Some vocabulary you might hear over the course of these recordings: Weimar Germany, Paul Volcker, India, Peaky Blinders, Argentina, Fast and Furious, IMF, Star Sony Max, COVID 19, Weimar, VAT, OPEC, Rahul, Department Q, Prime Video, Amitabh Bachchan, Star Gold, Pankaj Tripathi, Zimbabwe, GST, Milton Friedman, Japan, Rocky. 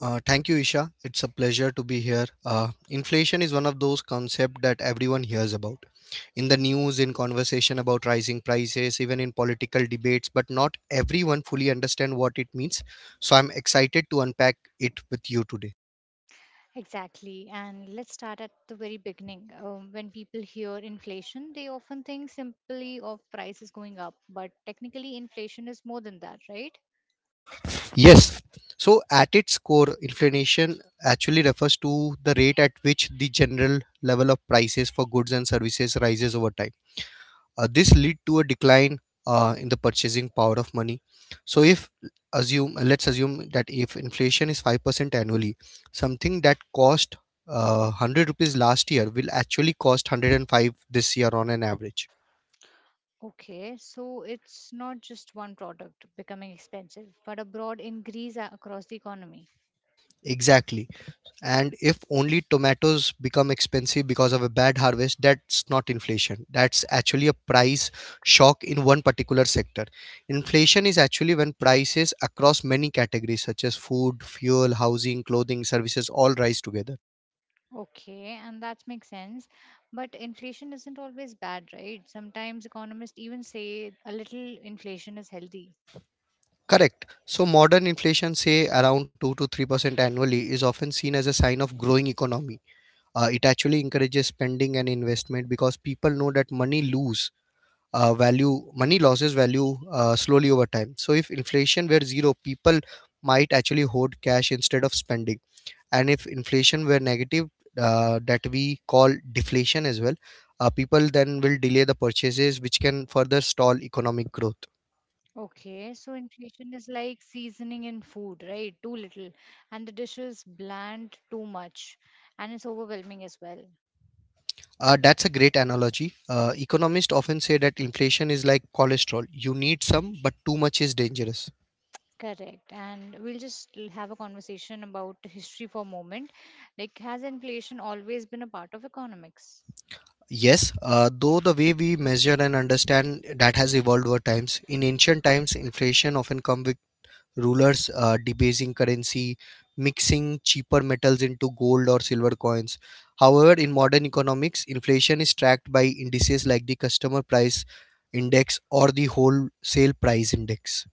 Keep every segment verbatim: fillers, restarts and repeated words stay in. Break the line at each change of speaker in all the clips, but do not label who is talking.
Uh, thank you, Isha. It's a pleasure to be here. Uh, inflation is one of those concepts that everyone hears about in the news, in conversation about rising prices, even in political debates, but not everyone fully understands what it means. So I'm excited to unpack it with you today.
Exactly. And let's start at the very beginning. Um, when people hear inflation, they often think simply of prices going up, but technically, inflation is more than that, right?
Yes. So at its core, inflation actually refers to the rate at which the general level of prices for goods and services rises over time. Uh, this lead to a decline uh, in the purchasing power of money. So if assume let's assume that if inflation is five percent annually, something that cost uh, one hundred rupees last year will actually cost one hundred five this year on an average.
Okay, so it's not just one product becoming expensive, but a broad increase a- across the economy.
Exactly. And if only tomatoes become expensive because of a bad harvest, that's not inflation, that's actually a price shock in one particular sector. Inflation is actually when prices across many categories such as food, fuel, housing, clothing, services all rise together.
Okay, and that makes sense. But inflation isn't always bad, right? Sometimes economists even say a little inflation is healthy.
Correct. So modern inflation, say around two to three percent annually, is often seen as a sign of growing economy. Uh, it actually encourages spending and investment because people know that money loose uh, value money loses value uh, slowly over time. So if inflation were zero, people might actually hoard cash instead of spending. And if inflation were negative, uh, that we call deflation as well. Uh, people then will delay the purchases, which can further stall economic growth.
Okay, so inflation is like seasoning in food, right? Too little, and the dish is bland, too much, and it's overwhelming as well.
Uh, that's a great analogy. Uh, economists often say that inflation is like cholesterol. You need some, but too much is dangerous.
Correct. And we'll just l- have a conversation about history for a moment. Like, has inflation always been a part of economics?
Yes, uh, though the way we measure and understand that has evolved over times. In ancient times, inflation often come with rulers uh, debasing currency, mixing cheaper metals into gold or silver coins. However, in modern economics, inflation is tracked by indices like the customer price index or the wholesale price index.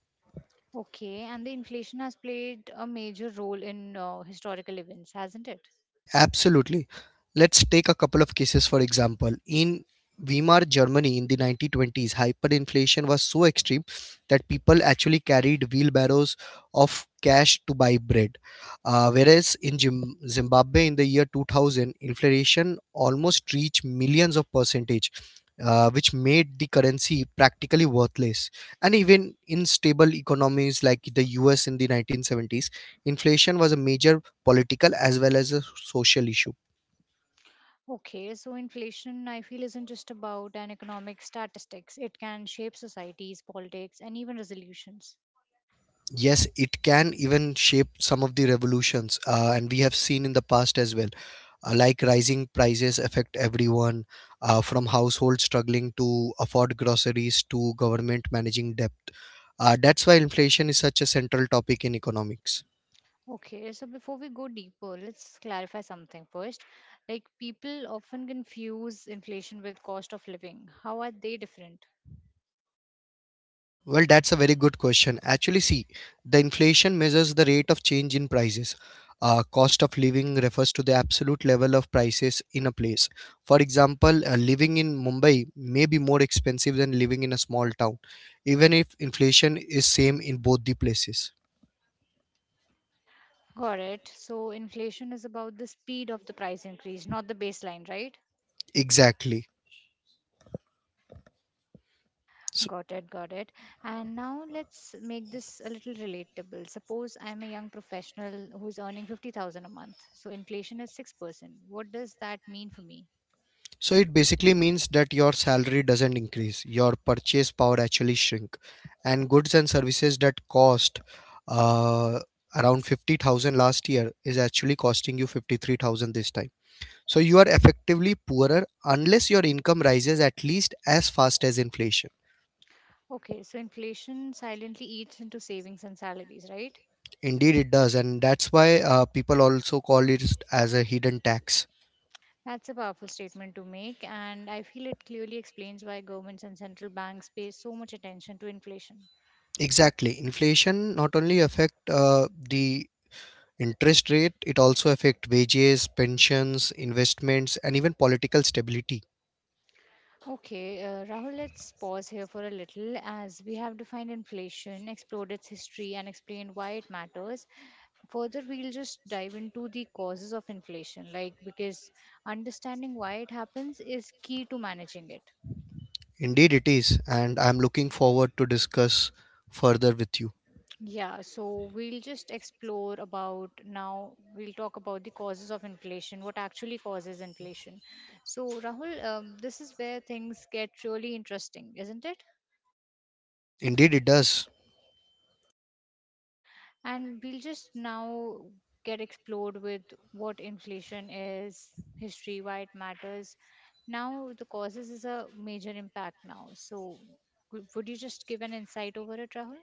Okay, and the inflation has played a major role in uh, historical events, hasn't it?
Absolutely. Let's take a couple of cases for example. In Weimar, Germany in the nineteen twenties, hyperinflation was so extreme that people actually carried wheelbarrows of cash to buy bread. Uh, whereas in Zim- Zimbabwe in the year two thousand, inflation almost reached millions of percentage, uh, which made the currency practically worthless. And even in stable economies like the U S in the nineteen seventies, inflation was a major political as well as a social issue.
Okay, so inflation, I feel, isn't just about an economic statistics. It can shape societies, politics, and even resolutions.
Yes, it can even shape some of the revolutions, uh, and we have seen in the past as well, uh, like rising prices affect everyone, uh, from households struggling to afford groceries to government managing debt. Uh, that's why inflation is such a central topic in economics.
Okay, so before we go deeper, let's clarify something first. Like, people often confuse inflation with cost of living. How are they different?
Well, that's a very good question. Actually, see, the inflation measures the rate of change in prices. Uh, cost of living refers to the absolute level of prices in a place. For example, uh, living in Mumbai may be more expensive than living in a small town, even if inflation is same in both the places.
Got it. So inflation is about the speed of the price increase, not the baseline, right?
Exactly. So,
Got it, got it. And now let's make this a little relatable. Suppose I'm a young professional who's earning fifty thousand a month. So inflation is six percent. What does that mean for me?
so it basically means that your salary doesn't increase, your purchase power actually shrink, and goods and services that cost uh, around fifty thousand last year is actually costing you fifty three thousand this time. So you are effectively poorer unless your income rises at least as fast as inflation.
Okay, so inflation silently eats into savings and salaries, right?
Indeed, it does, and that's why uh, people also call it as a hidden tax.
That's a powerful statement to make, and I feel it clearly explains why governments and central banks pay so much attention to inflation.
Exactly, inflation not only affect uh, the interest rate, it also affect wages, pensions, investments and even political stability.
Okay, uh, Rahul, let's pause here for a little as we have defined inflation, explored its history, and explained why it matters. Further, we'll just dive into the causes of inflation, like, because understanding why it happens is key to managing it.
Indeed it is, and I am looking forward to discuss further with you.
Yeah, so we'll just explore about now, we'll talk about the causes of inflation, what actually causes inflation. So, Rahul, um, this is where things get really interesting, isn't it?
Indeed it does.
And we'll just now get explored with what inflation is, history, why it matters. Now, the causes is a major impact now. So, w- would you just give an insight over it, Rahul?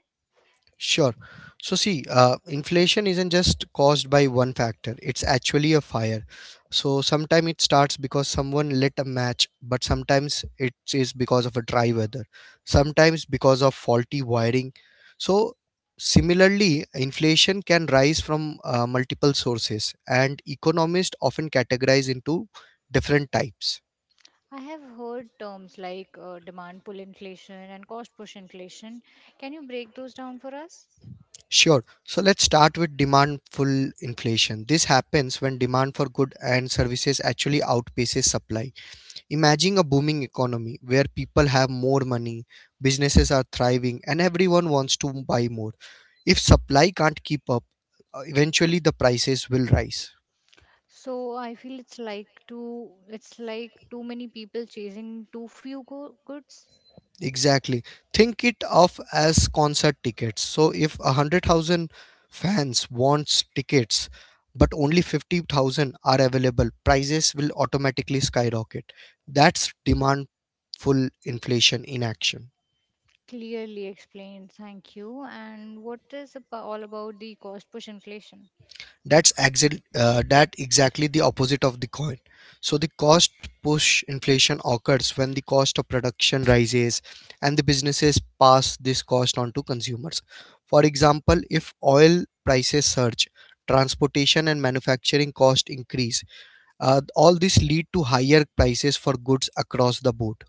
Sure. So, see, uh, inflation isn't just caused by one factor, it's actually a fire. So, sometimes it starts because someone lit a match, but sometimes it is because of a dry weather, sometimes because of faulty wiring. So, similarly, inflation can rise from uh, multiple sources, and economists often categorize into different types.
I have heard terms like uh, demand pull inflation and cost push inflation. Can you break those down for us?
Sure. So let's start with demand. Demandful inflation. This happens when demand for goods and services actually outpaces supply. Imagine a booming economy where people have more money, businesses are thriving, and everyone wants to buy more. If supply can't keep up, uh, eventually the prices will rise.
So I feel it's like too it's like too many people chasing too few go- goods.
Exactly. Think it of as concert tickets. So if a one hundred thousand fans wants tickets but only fifty thousand are available, prices will automatically skyrocket. That's demand full inflation in action.
Clearly explained. Thank you. And what is abo- all about the cost push inflation?
That's exact, uh, that exactly the opposite of the coin. So the cost push inflation occurs when the cost of production rises and the businesses pass this cost on to consumers. For example, if oil prices surge, transportation and manufacturing cost increase, uh, all this lead to higher prices for goods across the board.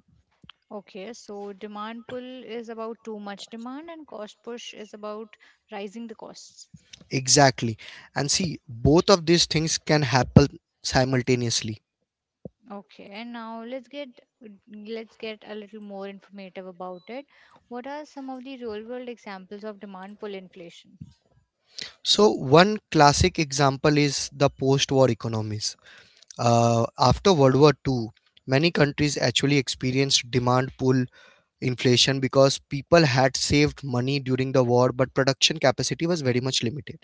Okay, so demand pull is about too much demand and cost push is about rising the costs.
Exactly. And see, both of these things can happen simultaneously.
Okay, and now let's get let's get a little more informative about it. What are some of the real world examples of demand pull inflation?
So, one classic example is the post war economies. Uh, after World War Two, many countries actually experienced demand pull inflation because people had saved money during the war, but production capacity was very much limited.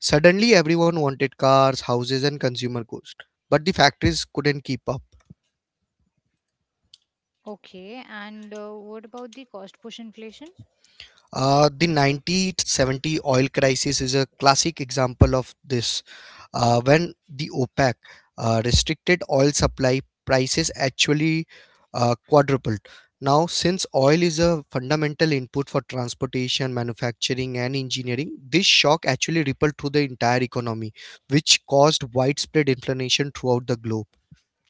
Suddenly, everyone wanted cars, houses, and consumer goods, but the factories couldn't keep up.
Okay, and uh, what about the cost push inflation?
Uh, the nineteen seventy oil crisis is a classic example of this. Uh, when the OPEC uh, restricted oil supply, prices actually uh, quadrupled. Now, since oil is a fundamental input for transportation, manufacturing, and engineering, this shock actually rippled through the entire economy, which caused widespread inflation throughout the globe.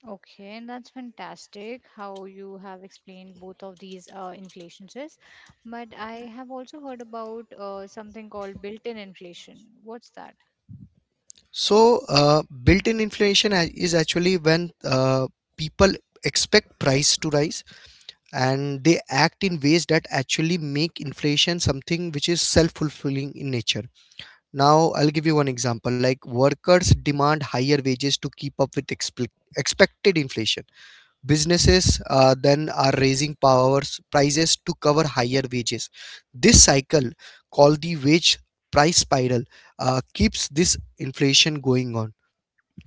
Okay, and that's fantastic how you have explained both of these uh, inflations is. But I have also heard about uh, something called built-in inflation. What's that?
So, uh, built in inflation a- is actually when uh, people expect price to rise and they act in ways that actually make inflation something which is self-fulfilling in nature. Now I'll give you one example, like workers demand higher wages to keep up with expect expected inflation, businesses uh, then are raising powers prices to cover higher wages. This cycle called the wage price spiral uh, keeps this inflation going on.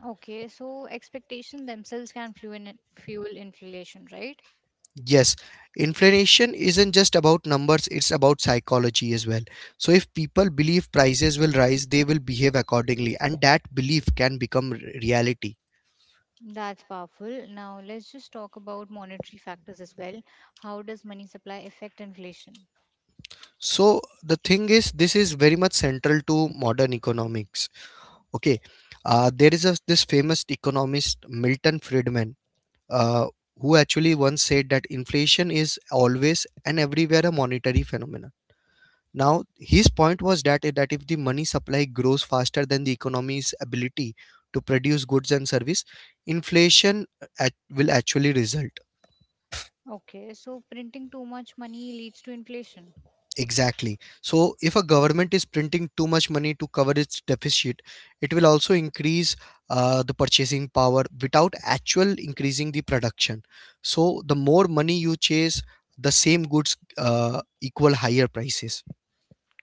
Okay, so expectation themselves can fuel in- fuel inflation, right?
Yes, inflation isn't just about numbers, it's about psychology as well. So, if people believe prices will rise, they will behave accordingly, and that belief can become r- reality.
That's powerful. Now, let's just talk about monetary factors as well. How does money supply affect inflation?
So, the thing is, this is very much central to modern economics. Okay, uh, there is a, this famous economist, Milton Friedman, uh, who actually once said that inflation is always and everywhere a monetary phenomenon. Now, his point was that that if the money supply grows faster than the economy's ability to produce goods and service, inflation at, will actually result.
Okay, so printing too much money leads to inflation.
Exactly. So, if a government is printing too much money to cover its deficit, it will also increase uh, the purchasing power without actual increasing the production. So, the more money you chase, the same goods uh, equal higher prices.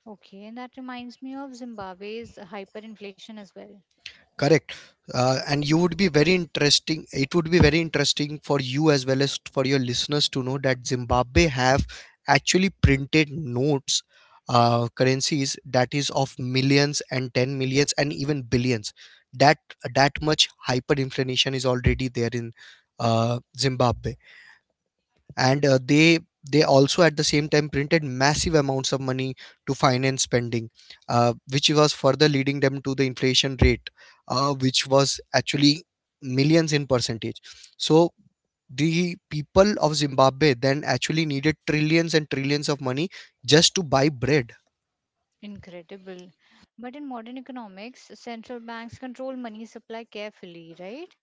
Okay, and that reminds me of Zimbabwe's hyperinflation as well.
Correct. Uh, and you would be very interesting. It would be very interesting for you as well as for your listeners to know that Zimbabwe have actually printed notes, uh, currencies that is of millions and ten millions and even billions. That that much hyperinflation is already there in uh, Zimbabwe, and uh, they they also at the same time printed massive amounts of money to finance spending, uh, which was further leading them to the inflation rate, uh, which was actually millions in percentage. So the people of Zimbabwe then actually needed trillions and trillions of money just to buy bread.
Incredible. But in modern economics, central banks control money supply carefully, right?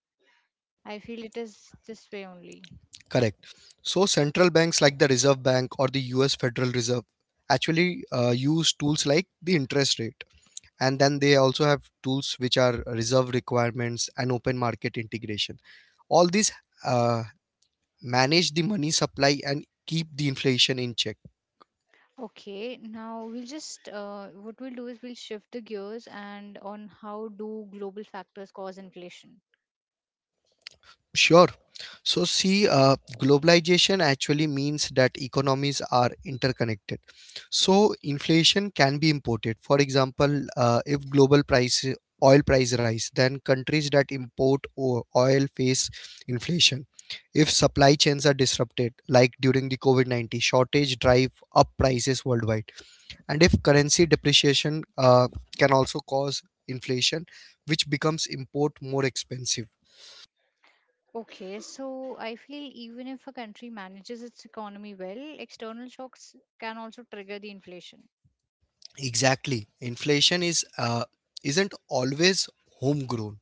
I feel it is this way only.
Correct. So central banks like the Reserve Bank or the US Federal Reserve actually uh, use tools like the interest rate, and then they also have tools which are reserve requirements and open market integration. All these uh, manage the money supply and keep the inflation in check.
Okay, now we'll just uh, what we'll do is we'll shift the gears and on how do global factors cause inflation.
Sure. So, see, uh, globalization actually means that economies are interconnected. So, inflation can be imported. For example, uh, if global price oil price rise, then countries that import o- oil face inflation. If supply chains are disrupted, like during the COVID nineteen shortage, drive up prices worldwide. And if currency depreciation uh, can also cause inflation, which becomes import more expensive.
Okay, so I feel even if a country manages its economy well, external shocks can also trigger the inflation.
Exactly. Inflation is uh, isn't always homegrown.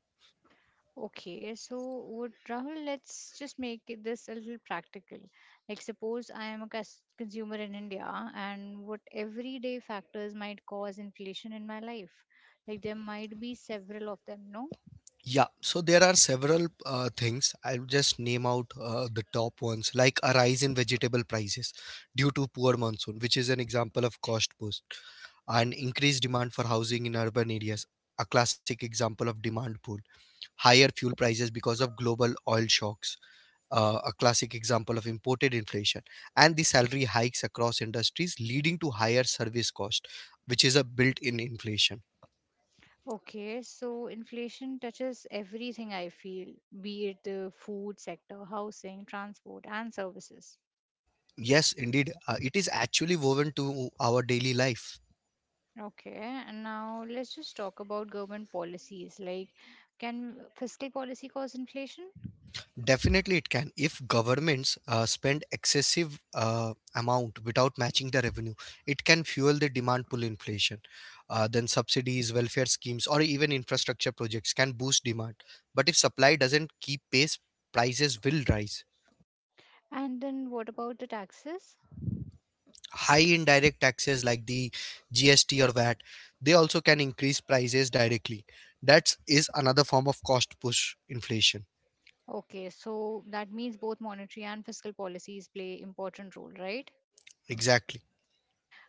Okay, so would Rahul, let's just make it- this a little practical. Like, suppose I am a cus- consumer in India, and what everyday factors might cause inflation in my life? Like, there might be several of them, no?
Yeah. So there are several uh, things. I'll just name out uh, the top ones, like a rise in vegetable prices due to poor monsoon, which is an example of cost push, and increased demand for housing in urban areas, a classic example of demand pull. Higher fuel prices because of global oil shocks, uh, a classic example of imported inflation, and the salary hikes across industries leading to higher service cost, which is a built-in inflation.
Okay, so inflation touches everything I feel, be it the food sector, housing, transport, and services.
Yes, indeed, uh, it is actually woven to our daily life.
Okay, and now let's just talk about government policies. Like, can fiscal policy cause inflation?
Definitely it can. If governments uh, spend excessive uh, amount without matching the revenue, it can fuel the demand pull inflation. Uh, then subsidies, welfare schemes or even infrastructure projects can boost demand, but if supply doesn't keep pace, prices will rise.
And then what about the taxes?
High indirect taxes like the G S T or V A T, they also can increase prices directly. That is another form of cost push inflation.
Okay, so that means both monetary and fiscal policies play important role, right?
Exactly.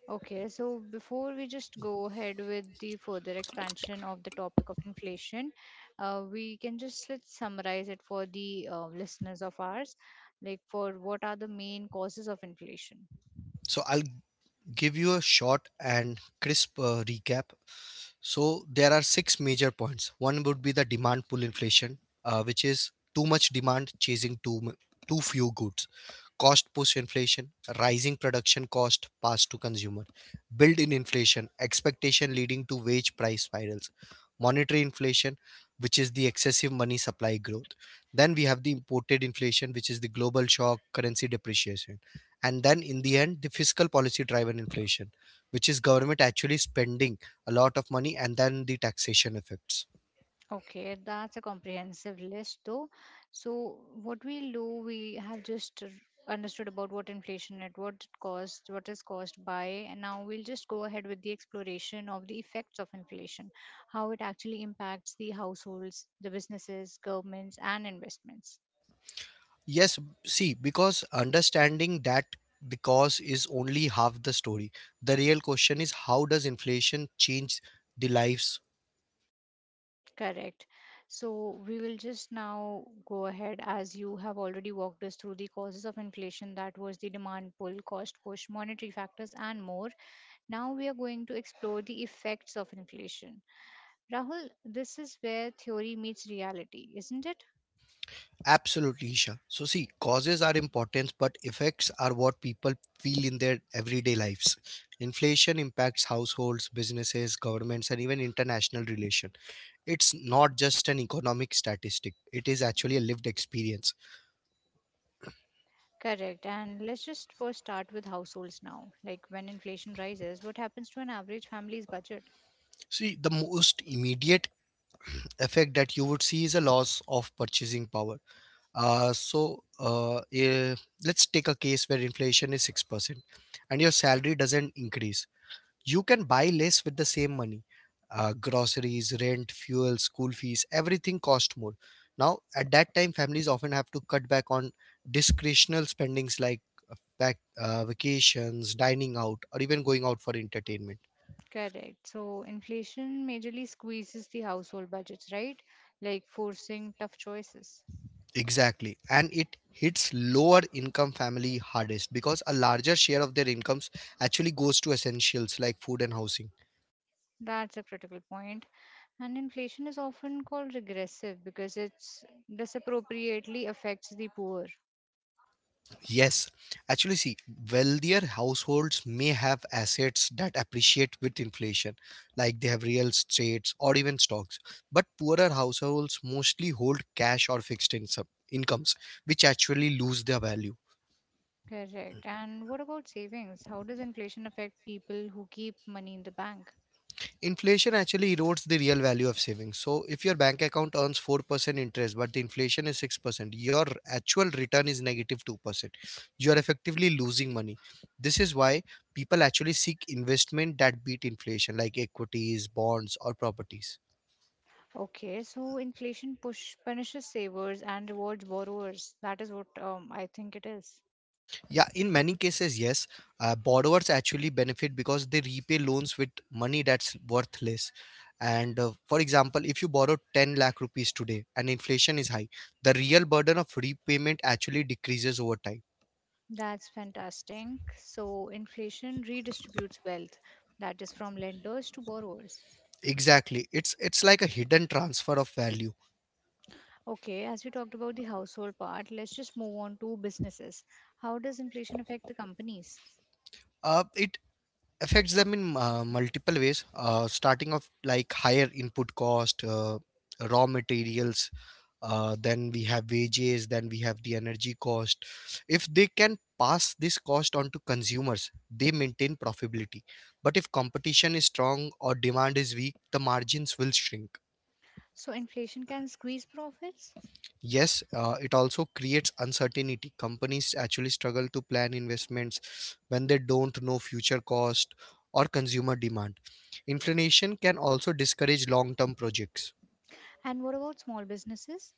Okay, so before we just go ahead with the further expansion of the topic of inflation, uh, we can just let's summarize it for the uh, listeners of ours. Like, for what are the main causes of inflation?
So I'll give you a short and crisp uh, recap. So there are six major points. One would be the demand pull inflation, uh, which is too much demand chasing too mu- too few goods. Cost push inflation, rising production cost passed to consumer, built-in inflation, expectation leading to wage price spirals, monetary inflation, which is the excessive money supply growth. Then we have the imported inflation, which is the global shock, currency depreciation. And then in the end, the fiscal policy driven inflation, which is government actually spending a lot of money and then the taxation effects.
Okay, that's a comprehensive list, though. So, what we do, we have just r- understood about what inflation is, what it caused, what is caused by, and now we'll just go ahead with the exploration of the effects of inflation, how it actually impacts the households, the businesses, governments, and investments.
Yes, see, because understanding that the cause is only half the story. The real question is, how does inflation change the lives?
Correct. So, we will just now go ahead as you have already walked us through the causes of inflation, that was the demand pull, cost push, monetary factors, and more. Now we are going to explore the effects of inflation. Rahul, this is where theory meets reality, isn't it?
Absolutely, Isha. So see, causes are important, but effects are what people feel in their everyday lives. Inflation impacts households, businesses, governments, and even international relations. It's not just an economic statistic, it is actually a lived experience.
Correct. And let's just first start with households now. Like, when inflation rises, what happens to an average family's budget?
See, the most immediate effect that you would see is a loss of purchasing power. Uh, so uh, eh, let's take a case where inflation is six percent and your salary doesn't increase. You can buy less with the same money. Uh, groceries, rent, fuel, school fees, everything cost more. Now, at that time, families often have to cut back on discretional spendings like uh, vac- uh, vacations, dining out, or even going out for entertainment.
Correct. So inflation majorly squeezes the household budgets, right? Like forcing tough choices.
Exactly. And it hits lower income family hardest because a larger share of their incomes actually goes to essentials like food and housing.
That's a critical point. And inflation is often called regressive because it's disappropriately affects the poor.
Yes. Actually see, wealthier households may have assets that appreciate with inflation, like they have real estates or even stocks. But poorer households mostly hold cash or fixed income incomes, which actually lose their value.
Correct. And what about savings? How does inflation affect people who keep money in the bank?
Inflation actually erodes the real value of savings. So if your bank account earns four percent interest but the inflation is six percent, your actual return is two percent. You are effectively losing money. This is why people actually seek investment that beat inflation like equities, bonds or properties.
Okay, so inflation push punishes savers and rewards borrowers. That is what um, I think it is.
Yeah, in many cases, yes. Uh, borrowers actually benefit because they repay loans with money that's worthless. And uh, for example, if you borrow ten lakh rupees today and inflation is high, the real burden of repayment actually decreases over time.
That's fantastic. So inflation redistributes wealth, that is from lenders to borrowers.
Exactly. It's it's like a hidden transfer of value.
Okay, as we talked about the household part, let's just move on to businesses. How does inflation affect the companies?
Uh, it affects them in uh, multiple ways, uh, starting off like higher input cost: uh, raw materials, uh, then we have wages, then we have the energy cost. If they can pass this cost on to consumers, they maintain profitability, but if competition is strong or demand is weak, the margins will shrink.
So inflation can squeeze profits.
Yes, uh, it also creates uncertainty. Companies actually struggle to plan investments when they don't know future cost or consumer demand. Inflation can also discourage long term projects.
And what about small businesses?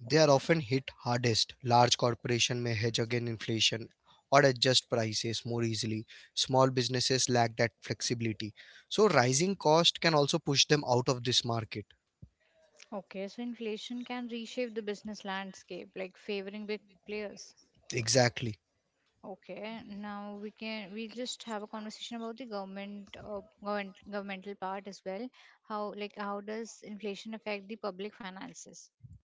They are often hit hardest. Large corporations may hedge against inflation or adjust prices more easily. Small businesses lack that flexibility. So, rising cost can also push them out of this market.
Okay, so inflation can reshape the business landscape, like favoring big players.
Exactly.
Okay, now we can we just have a conversation about the government, uh, government governmental part as well. How, like, how does inflation affect the public finances?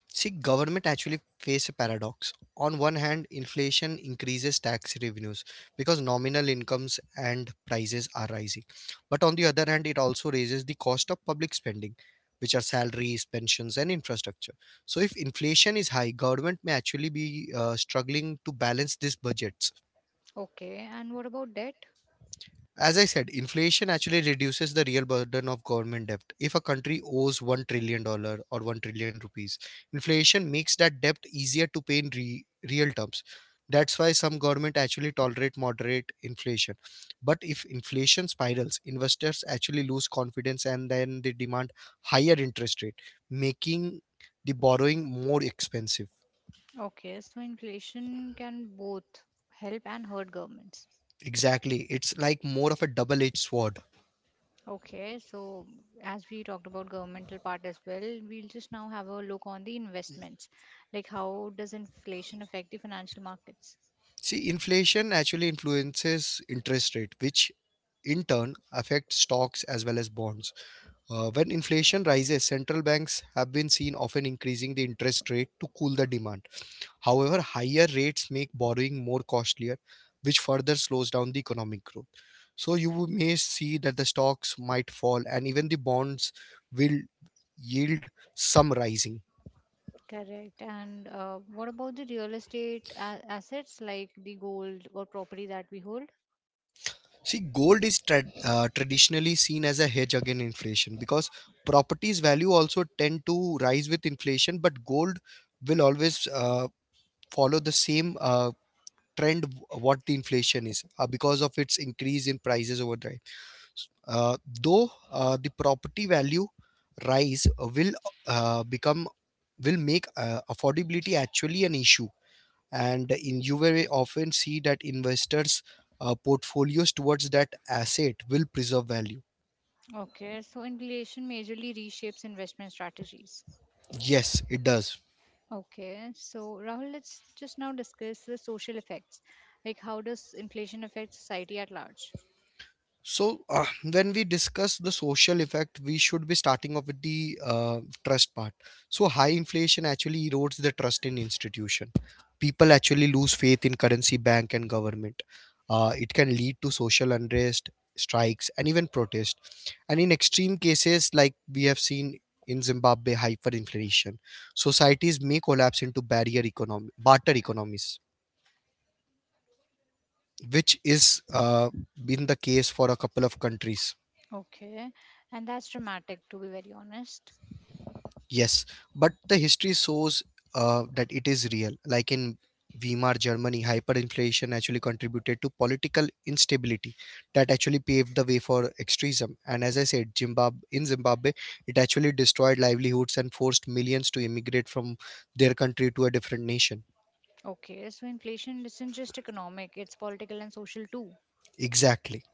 See, government actually face a paradox. On one hand, inflation increases tax revenues because nominal incomes and prices are rising. But on the other hand, it also raises the cost of public spending, which are salaries, pensions, and infrastructure. So if inflation is high, government may actually be uh, struggling to balance these budgets.
Okay, and what about debt?
As I said, inflation actually reduces the real burden of government debt. If a country owes one trillion dollar or one trillion rupees, inflation makes that debt easier to pay in re- real terms. That's why some government actually tolerate moderate inflation. But if inflation spirals, investors actually lose confidence and then they demand higher interest rate, making the borrowing more expensive.
Okay, so inflation can both help and hurt governments.
Exactly, it's like more of a double-edged sword.
Okay, so as we talked about governmental part as well, we'll just now have a look on the investments. Like, how does inflation affect the financial markets?
See, inflation actually influences interest rate, which in turn affects stocks as well as bonds. Uh, when inflation rises, central banks have been seen often increasing the interest rate to cool the demand. However, higher rates make borrowing more costlier, which further slows down the economic growth. So you may see that the stocks might fall, and even the bonds will yield some rising.
Correct. And uh, what about the real estate a- assets like the gold or property that we hold?
See, gold is trad uh, traditionally seen as a hedge against inflation because properties value also tend to rise with inflation, but gold will always uh, follow the same uh, trend w- what the inflation is, uh, because of its increase in prices over time. Uh, though uh, the property value rise will uh, become will make uh, affordability actually an issue, and in you very often see that investors uh, portfolios towards that asset will preserve value.
Okay, so inflation majorly reshapes investment strategies.
Yes, it does.
Okay, so Rahul, let's just now discuss the social effects. Like, how does inflation affect society at large?
So, uh, when we discuss the social effect, we should be starting off with the uh, trust part. So, high inflation actually erodes the trust in institution. People actually lose faith in currency, bank, and government. Uh, it can lead to social unrest, strikes, and even protest. And in extreme cases, like we have seen in Zimbabwe, hyperinflation, societies may collapse into barrier economy, barter economies, which is uh, been the case for a couple of countries.
Okay, and that's dramatic to be very honest.
Yes, but the history shows uh, that it is real. Like in Weimar Germany, hyperinflation actually contributed to political instability that actually paved the way for extremism. And as I said, Zimbabwe in Zimbabwe, it actually destroyed livelihoods and forced millions to immigrate from their country to a different nation.
Okay, so inflation isn't just economic, it's political and social too.
Exactly.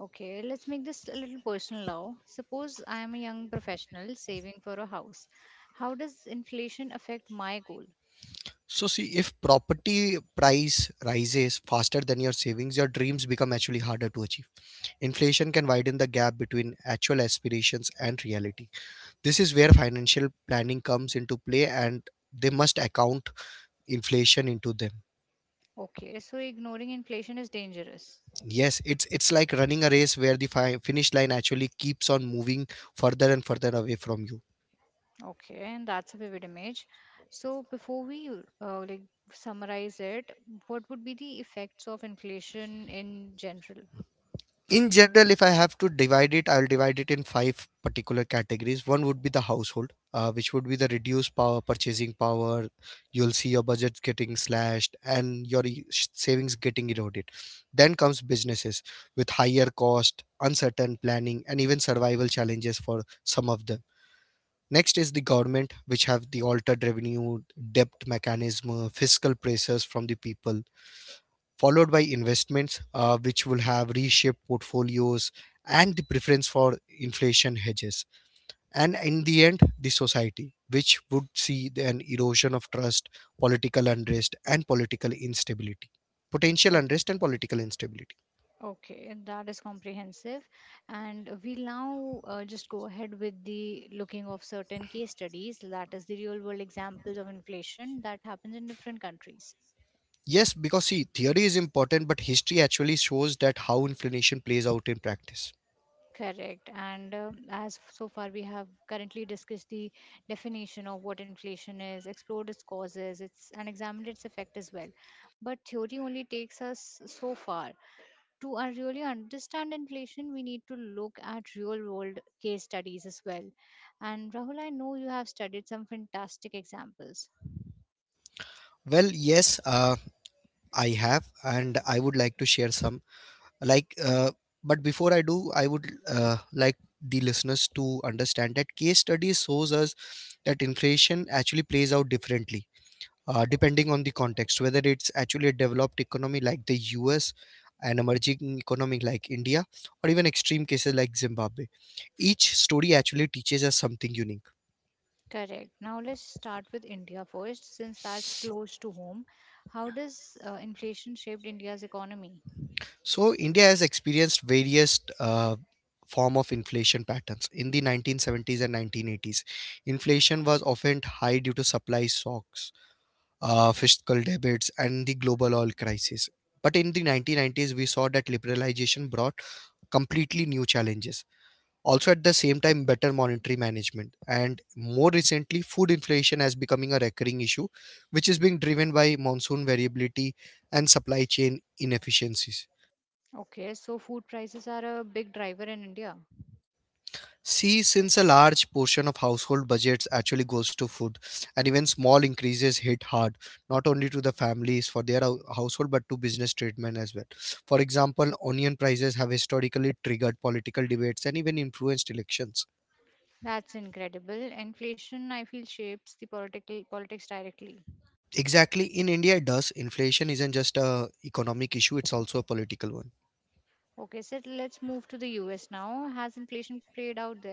Okay, let's make this a little personal now. Suppose I am a young professional saving for a house. How does inflation affect my goal?
So see, if property price rises faster than your savings, your dreams become actually harder to achieve. Inflation can widen the gap between actual aspirations and reality. This is where financial planning comes into play, and they must account inflation into them.
Okay, so ignoring inflation is dangerous.
Yes, it's it's like running a race where the fi- finish line actually keeps on moving further and further away from you.
Okay, and that's a vivid image. So before we uh, like summarize it, what would be the effects of inflation in general?
In general, if I have to divide it, I'll divide it in five particular categories. One would be the household, uh, which would be the reduced power purchasing power. You'll see your budget getting slashed and your e- savings getting eroded. Then comes businesses, with higher cost, uncertain planning, and even survival challenges for some of them. Next is the government, which have the altered revenue, debt mechanism, uh, fiscal pressures from the people. Followed by investments, uh, which will have reshaped portfolios and the preference for inflation hedges. And in the end, the society, which would see the- an erosion of trust, political unrest, and political instability. Potential unrest and political instability.
Okay, and that is comprehensive. And we'll now uh, just go ahead with the looking of certain case studies, that is the real world examples of inflation that happens in different countries.
Yes, because see, theory is important, but history actually shows that how inflation plays out in practice.
Correct. And um, as f- so far we have currently discussed the definition of what inflation is, explored its causes, it's and examined its effect as well. But theory only takes us so far. To uh, really understand inflation, we need to look at real world case studies as well. And Rahul, I know you have studied some fantastic examples.
Well, yes, uh, I have, and I would like to share some, like uh, but before I do, I would uh, like the listeners to understand that case study shows us that inflation actually plays out differently, uh, depending on the context, whether it's actually a developed economy like the US, an emerging economy like India, or even extreme cases like Zimbabwe. Each story actually teaches us something unique.
Correct. Now let's start with India first, since that's close to home. How does uh, inflation shaped India's economy?
So India has experienced various uh, form of inflation patterns. In the nineteen seventies and nineteen eighties, inflation was often high due to supply shocks, uh, fiscal debates, and the global oil crisis. But in the nineteen nineties, we saw that liberalization brought completely new challenges. Also, at the same time, better monetary management. And more recently, food inflation has becoming a recurring issue, which is being driven by monsoon variability and supply chain inefficiencies.
Okay, so food prices are a big driver in India.
See, since a large portion of household budgets actually goes to food, and even small increases hit hard, not only to the families for their hou- household but to business treatment as well. For example, onion prices have historically triggered political debates and even influenced elections.
That's incredible. Inflation, I feel, shapes the political politics directly.
Exactly, in India it does. Inflation isn't just a economic issue, it's also a political one.
Okay, so let's move to the U S now. Has inflation played out there?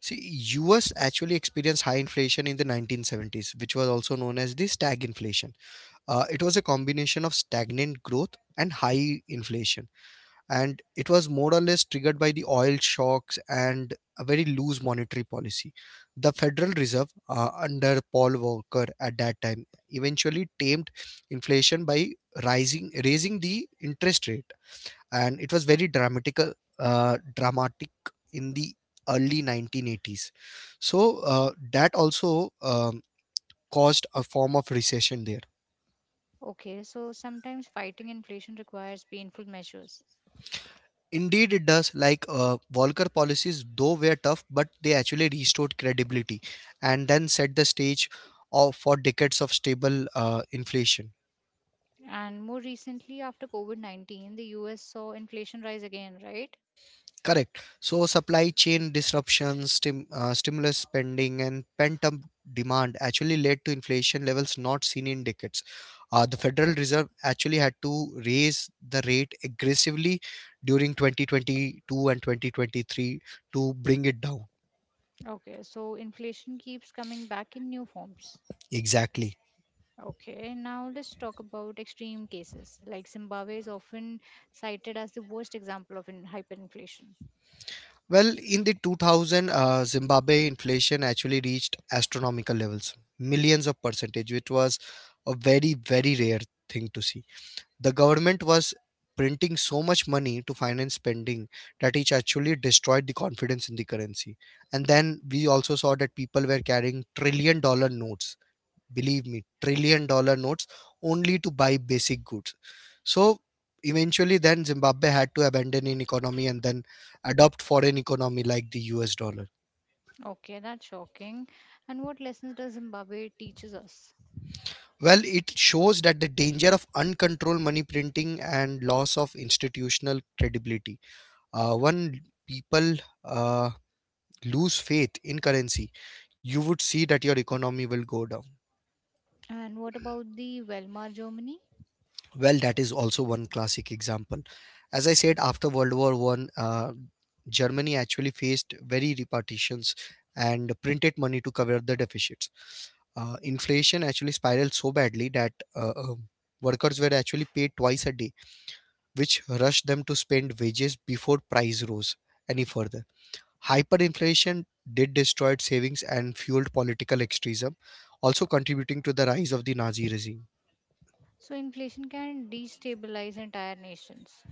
See, U S actually experienced high inflation in the nineteen seventies, which was also known as the stag inflation. Uh, it was a combination of stagnant growth and high inflation, and it was more or less triggered by the oil shocks and a very loose monetary policy. The Federal Reserve, uh, under Paul Volcker at that time, eventually tamed inflation by rising raising the interest rate, and it was very dramatic, uh, dramatic in the early nineteen eighties. So uh, that also um, caused a form of recession there.
Okay, so sometimes fighting inflation requires painful measures.
Indeed, it does. Like uh, Volcker policies, though were tough, but they actually restored credibility and then set the stage of, for decades of stable uh, inflation.
And more recently, after COVID nineteen, the U S saw inflation rise again, right?
Correct. So, supply chain disruptions, stim, uh, stimulus spending, and pent up demand actually led to inflation levels not seen in decades. Uh, the Federal Reserve actually had to raise the rate aggressively during twenty twenty-two and twenty twenty-three to bring it down.
Okay, so inflation keeps coming back in new forms.
Exactly.
Okay, now let's talk about extreme cases. Like, Zimbabwe is often cited as the worst example of in hyperinflation.
Well, in the two thousand, uh, Zimbabwe inflation actually reached astronomical levels, millions of percentage, which was a very, very rare thing to see. The government was printing so much money to finance spending that it actually destroyed the confidence in the currency. And then we also saw that people were carrying trillion dollar notes, believe me, trillion dollar notes, only to buy basic goods. So eventually then Zimbabwe had to abandon an economy and then adopt foreign economy like the US dollar.
Okay, that's shocking. And what lessons does Zimbabwe teaches us?
Well, it shows that the danger of uncontrolled money printing and loss of institutional credibility. Uh, when people, uh, lose faith in currency, you would see that your economy will go down.
And what about the Weimar Germany?
Well, that is also one classic example. As I said, after World War One, uh, Germany actually faced very repartitions and printed money to cover the deficits. Uh, inflation actually spiraled so badly that uh, uh, workers were actually paid twice a day, which rushed them to spend wages before price rose any further. Hyperinflation did destroy savings and fueled political extremism, also contributing to the rise of the Nazi regime.
So inflation can destabilize entire nations.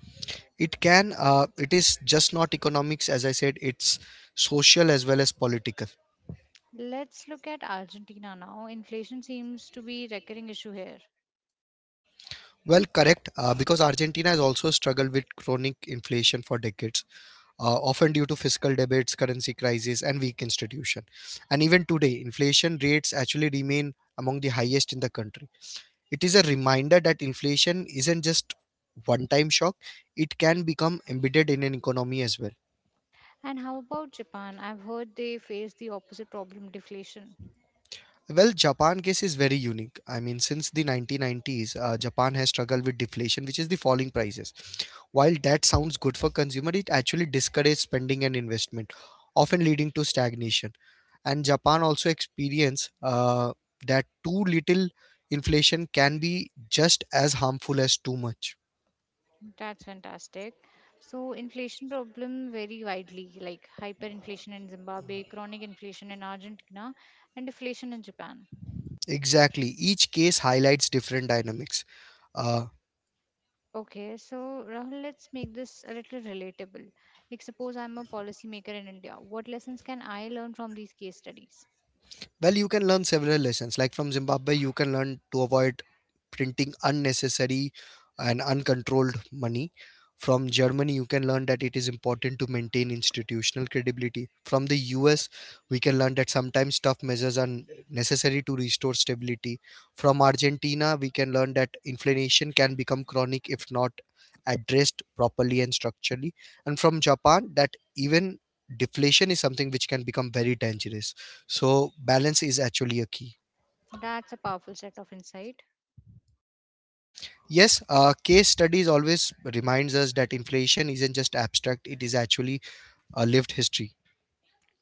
It can, uh, it is just not economics. As I said, it's social as well as political.
Let's look at Argentina now. Inflation seems to be recurring issue here.
Well, correct, uh, because Argentina has also struggled with chronic inflation for decades, uh, often due to fiscal debates, currency crisis, and weak institution. And even today, inflation rates actually remain among the highest in the country. It is a reminder that inflation isn't just one time shock, it can become embedded in an economy as well.
And how about Japan? I've heard they face the opposite problem, deflation.
Well, Japan case is very unique. I mean, since the nineteen nineties, uh, Japan has struggled with deflation, which is the falling prices. While that sounds good for consumer, it actually discourages spending and investment, often leading to stagnation. And Japan also experience uh, that too little inflation can be just as harmful as too much.
That's fantastic. So inflation problem vary widely, like hyperinflation in Zimbabwe, chronic inflation in Argentina, and deflation in Japan.
Exactly. Each case highlights different dynamics. Uh,
Okay, so Rahul, let's make this a little relatable. Like, suppose I'm a policymaker in India. What lessons can I learn from these case studies?
Well, you can learn several lessons. Like from Zimbabwe, you can learn to avoid printing unnecessary and uncontrolled money. From Germany, you can learn that it is important to maintain institutional credibility. From the U S, we can learn that sometimes tough measures are necessary to restore stability. From Argentina, we can learn that inflation can become chronic if not addressed properly and structurally. And from Japan, that even deflation is something which can become very dangerous. So balance is actually a key.
That's a powerful set of insight.
Yes, uh, case studies always reminds us that inflation isn't just abstract; it is actually a lived history.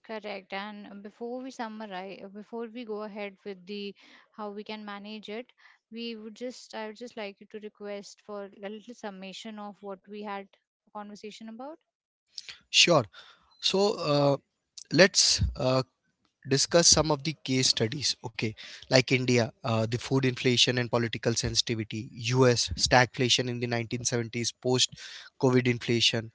Correct. And before we summarize, before we go ahead with the how we can manage it, we would just, I would just like you to request for a little summation of what we had a conversation about.
Sure. So uh, let's uh, discuss some of the case studies, okay? Like India, uh, the food inflation and political sensitivity, US stagflation in the nineteen seventies, post COVID inflation,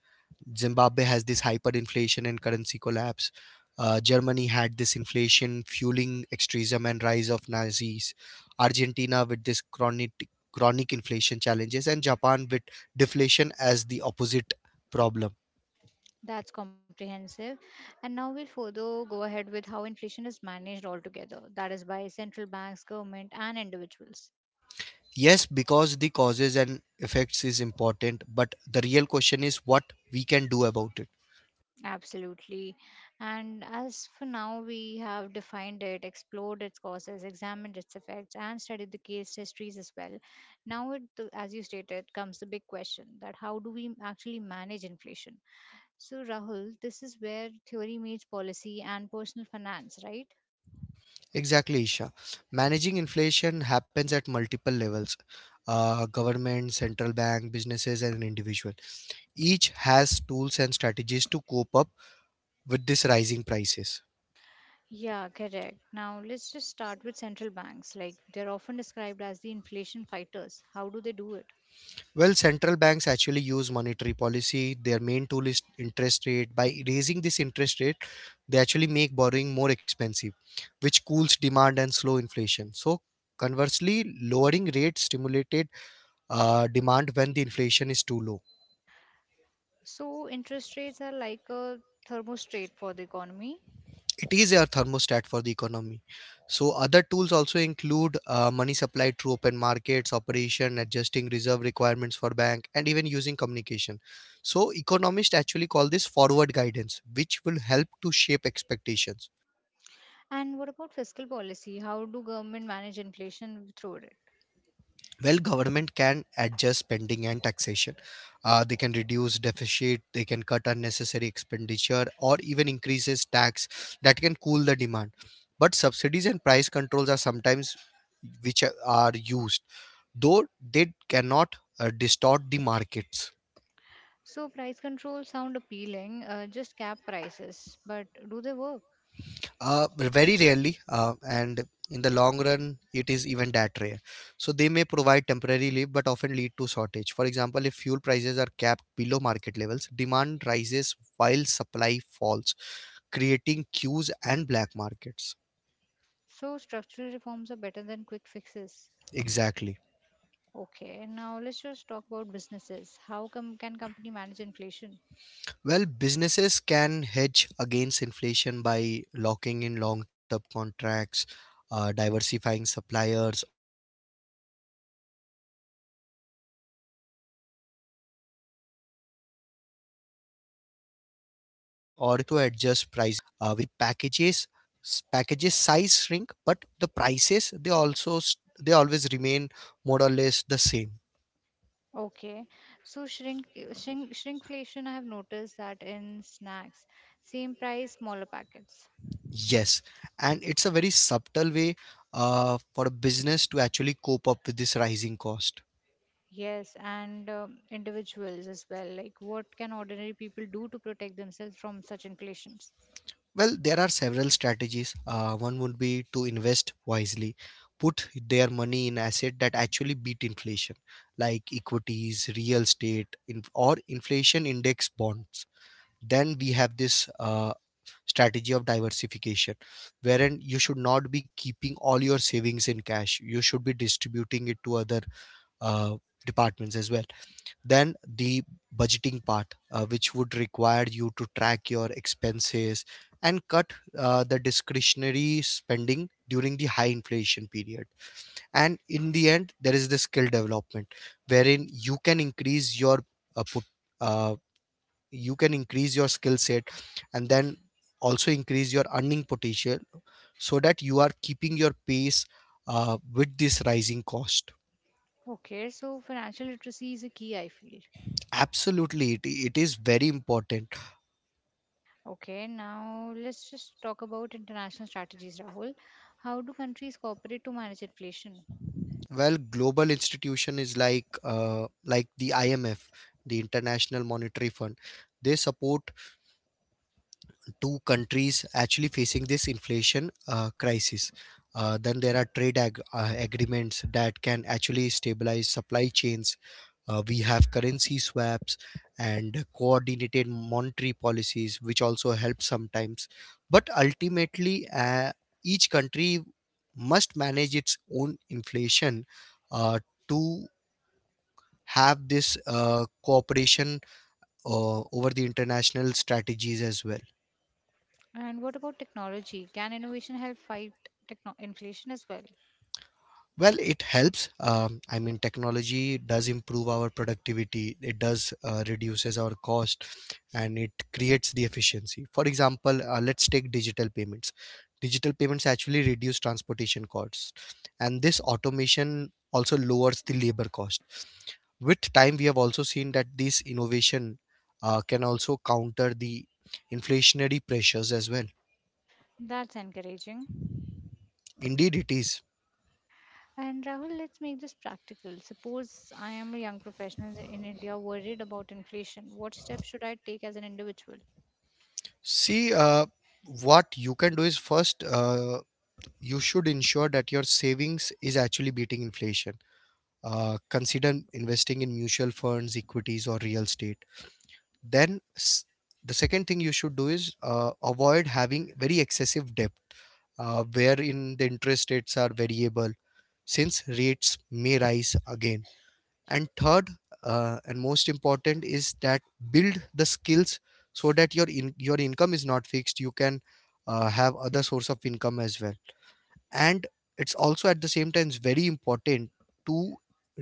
Zimbabwe has this hyperinflation and currency collapse, uh, Germany had this inflation fueling extremism and rise of Nazis, Argentina with this chronic chronic inflation challenges, and Japan with deflation as the opposite problem.
That's comprehensive. And now we'll further go ahead with how inflation is managed altogether. That is by central banks, government, and individuals.
Yes, because the causes and effects is important, but the real question is what we can do about it.
Absolutely. And as for now, we have defined it, explored its causes, examined its effects, and studied the case histories as well. Now, it, the- as you stated, comes the big question, that how do we actually manage inflation? So, Rahul, this is where theory meets policy and personal finance, right?
Exactly, Isha. Managing inflation happens at multiple levels. Uh, government, central bank, businesses, and individual. Each has tools and strategies to cope up with these rising prices.
Yeah, correct. Now, let's just start with central banks. Like, they're often described as the inflation fighters. How do they do it?
Well, central banks actually use monetary policy. Their main tool is interest rate. By raising this interest rate, they actually make borrowing more expensive, which cools demand and slow inflation. So, conversely, lowering rates stimulated uh, demand when the inflation is too low.
So, interest rates are like a thermostat for the economy.
It is a thermostat for the economy. So other tools also include uh, money supply through open markets, operation, adjusting reserve requirements for bank, and even using communication. So economists actually call this forward guidance, which will help to shape expectations.
And what about fiscal policy? How do government manage inflation through it?
Well, government can adjust spending and taxation. Uh, they can reduce deficit, they can cut unnecessary expenditure, or even increases tax that can cool the demand. But subsidies and price controls are sometimes which are are used, though they cannot uh, distort the markets.
So price control sound appealing, uh, just cap prices, but do they work?
Uh, very rarely, uh, and in the long run it is even that rare. So they may provide temporary relief but often lead to shortage. For example, if fuel prices are capped below market levels, demand rises while supply falls, creating queues and black markets.
So structural reforms are better than quick fixes.
Exactly.
Okay, now let's just talk about businesses. How com- can company manage inflation?
Well, businesses can hedge against inflation by locking in long term contracts, uh, diversifying suppliers, or even investing in productivity improvements. They can
Okay,
also adjust pricing strategies, for example,
and how can
shrinkflation,
they go
uh,
ahead with
where
other?
actually the packages s- packages size shrink but the prices they also s- they always remain more or less the same.
Okay, so shrink shrink shrinkflation. I have noticed that in snacks, same price, smaller packets.
Yes, and it's a very subtle way uh, for a business to actually cope up with this rising cost.
Yes, and um, individuals as well. Like, what can ordinary people do to protect themselves from such inflations?
Well, there are several strategies. Uh, one would be to invest wisely, put their money in asset that actually beat inflation, like equities, real estate, in, or inflation index bonds. Then we have this uh, strategy of diversification, wherein you should not be keeping all your savings in cash. You should be distributing it to other uh, departments as well. Then the budgeting part, uh, which would require you to track your expenses and cut uh, the discretionary spending during the high inflation period. And in the end, there is the skill development, wherein you can increase your uh, put, uh, you can increase your skill set, and then also increase your earning potential, so that you are keeping your pace uh, with this rising cost.
Okay, so financial literacy is a key, I feel.
Absolutely, it, it is very important.
Okay, now let's just talk about international strategies, Rahul. How do countries cooperate to manage inflation?
Well, global institution is like uh, like the I M F, the International Monetary Fund. They support two countries actually facing this inflation uh, crisis. Uh, then there are trade ag- uh, agreements that can actually stabilize supply chains. Uh, we have currency swaps and coordinated monetary policies, which also help sometimes. But ultimately, uh, each country must manage its own inflation uh, to have this uh, cooperation uh, over the international strategies as well.
And what about technology? Can innovation help fight techno- inflation as well?
Well, it helps. um, I mean, technology does improve our productivity, it does uh, reduces our cost, and it creates the efficiency. For example, uh, let's take digital payments. Digital payments actually reduce transportation costs, and this automation also lowers the labor cost. With time we have also seen that this innovation uh, can also counter the inflationary pressures as well.
That's encouraging.
Indeed, it is.
And Rahul, let's make this practical. Suppose I am a young professional in India worried about inflation. What steps should I take as an individual?
See, uh, what you can do is first, uh, you should ensure that your savings is actually beating inflation. Uh, consider investing in mutual funds, equities, or real estate. Then, s- the second thing you should do is uh, avoid having very excessive debt, uh, wherein the interest rates are variable, since rates may rise again. And third, uh, and most important is that build the skills so that your in, your income is not fixed, you can uh, have other source of income as well. And it's also, at the same time, it's very important to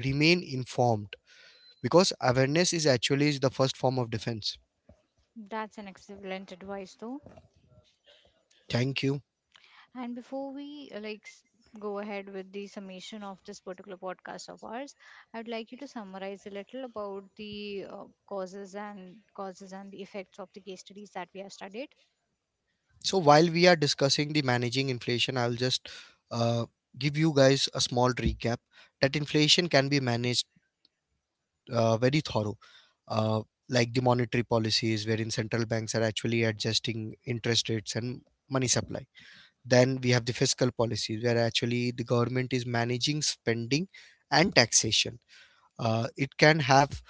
remain informed, because awareness is actually the first form of defense.
That's an excellent advice, though.
Thank you.
And before we uh, like s- go ahead with the summation of this particular podcast of ours, I'd like you to summarize a little about the uh, causes and causes and the effects of the case studies that we have studied.
So while we are discussing the managing inflation, I'll just uh, give you guys a small recap that inflation can be managed uh, very thorough, uh, like the monetary policies, wherein central banks are actually adjusting interest rates and money supply. Then we have the fiscal policies, where actually the government is managing spending and taxation. Uh, it can have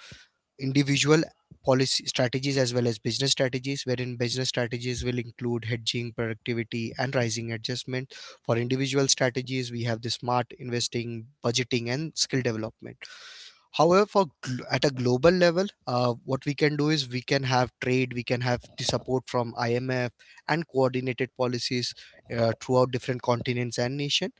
individual policy strategies as well as business strategies, wherein business strategies will include hedging, productivity, and rising adjustment. For individual strategies, we have the smart investing, budgeting, and skill development. However, for gl- at a global level, uh, what we can do is we can have trade, we can have the support from I M F and coordinated policies uh, throughout different continents and nation.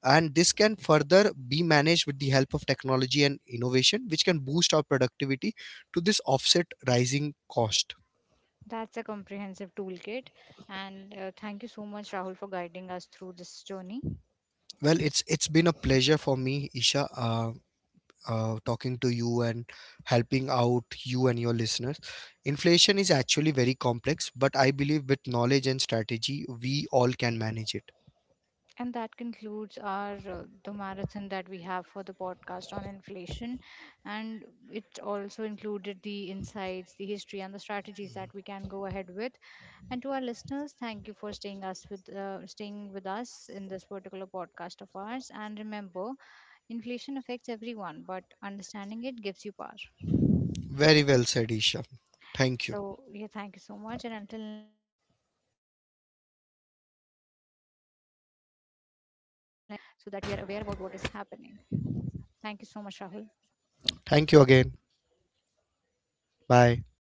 And this can further be managed with the help of technology and innovation, which can boost our productivity to this offset rising cost.
That's a comprehensive toolkit, and uh, thank you so much, Rahul, for guiding us through this journey.
Well, it's it's been a pleasure for me, Isha. Uh, uh, talking to you and helping out you and your listeners. Inflation is actually very complex, but I believe with knowledge and strategy, we all can manage it.
And that concludes our uh, the marathon that we have for the podcast on inflation, and it also included the insights, the history, and the strategies that we can go ahead with. And to our listeners, thank you for staying us with uh, staying with us in this particular podcast of ours. And remember, inflation affects everyone, but understanding it gives you power.
Very well said, Isha. Thank you.
So yeah, thank you so much. And until next time, we'll be just stay informed and stay resilient so that we are aware about what is happening. Thank you so much, Rahul.
Thank you again. Bye.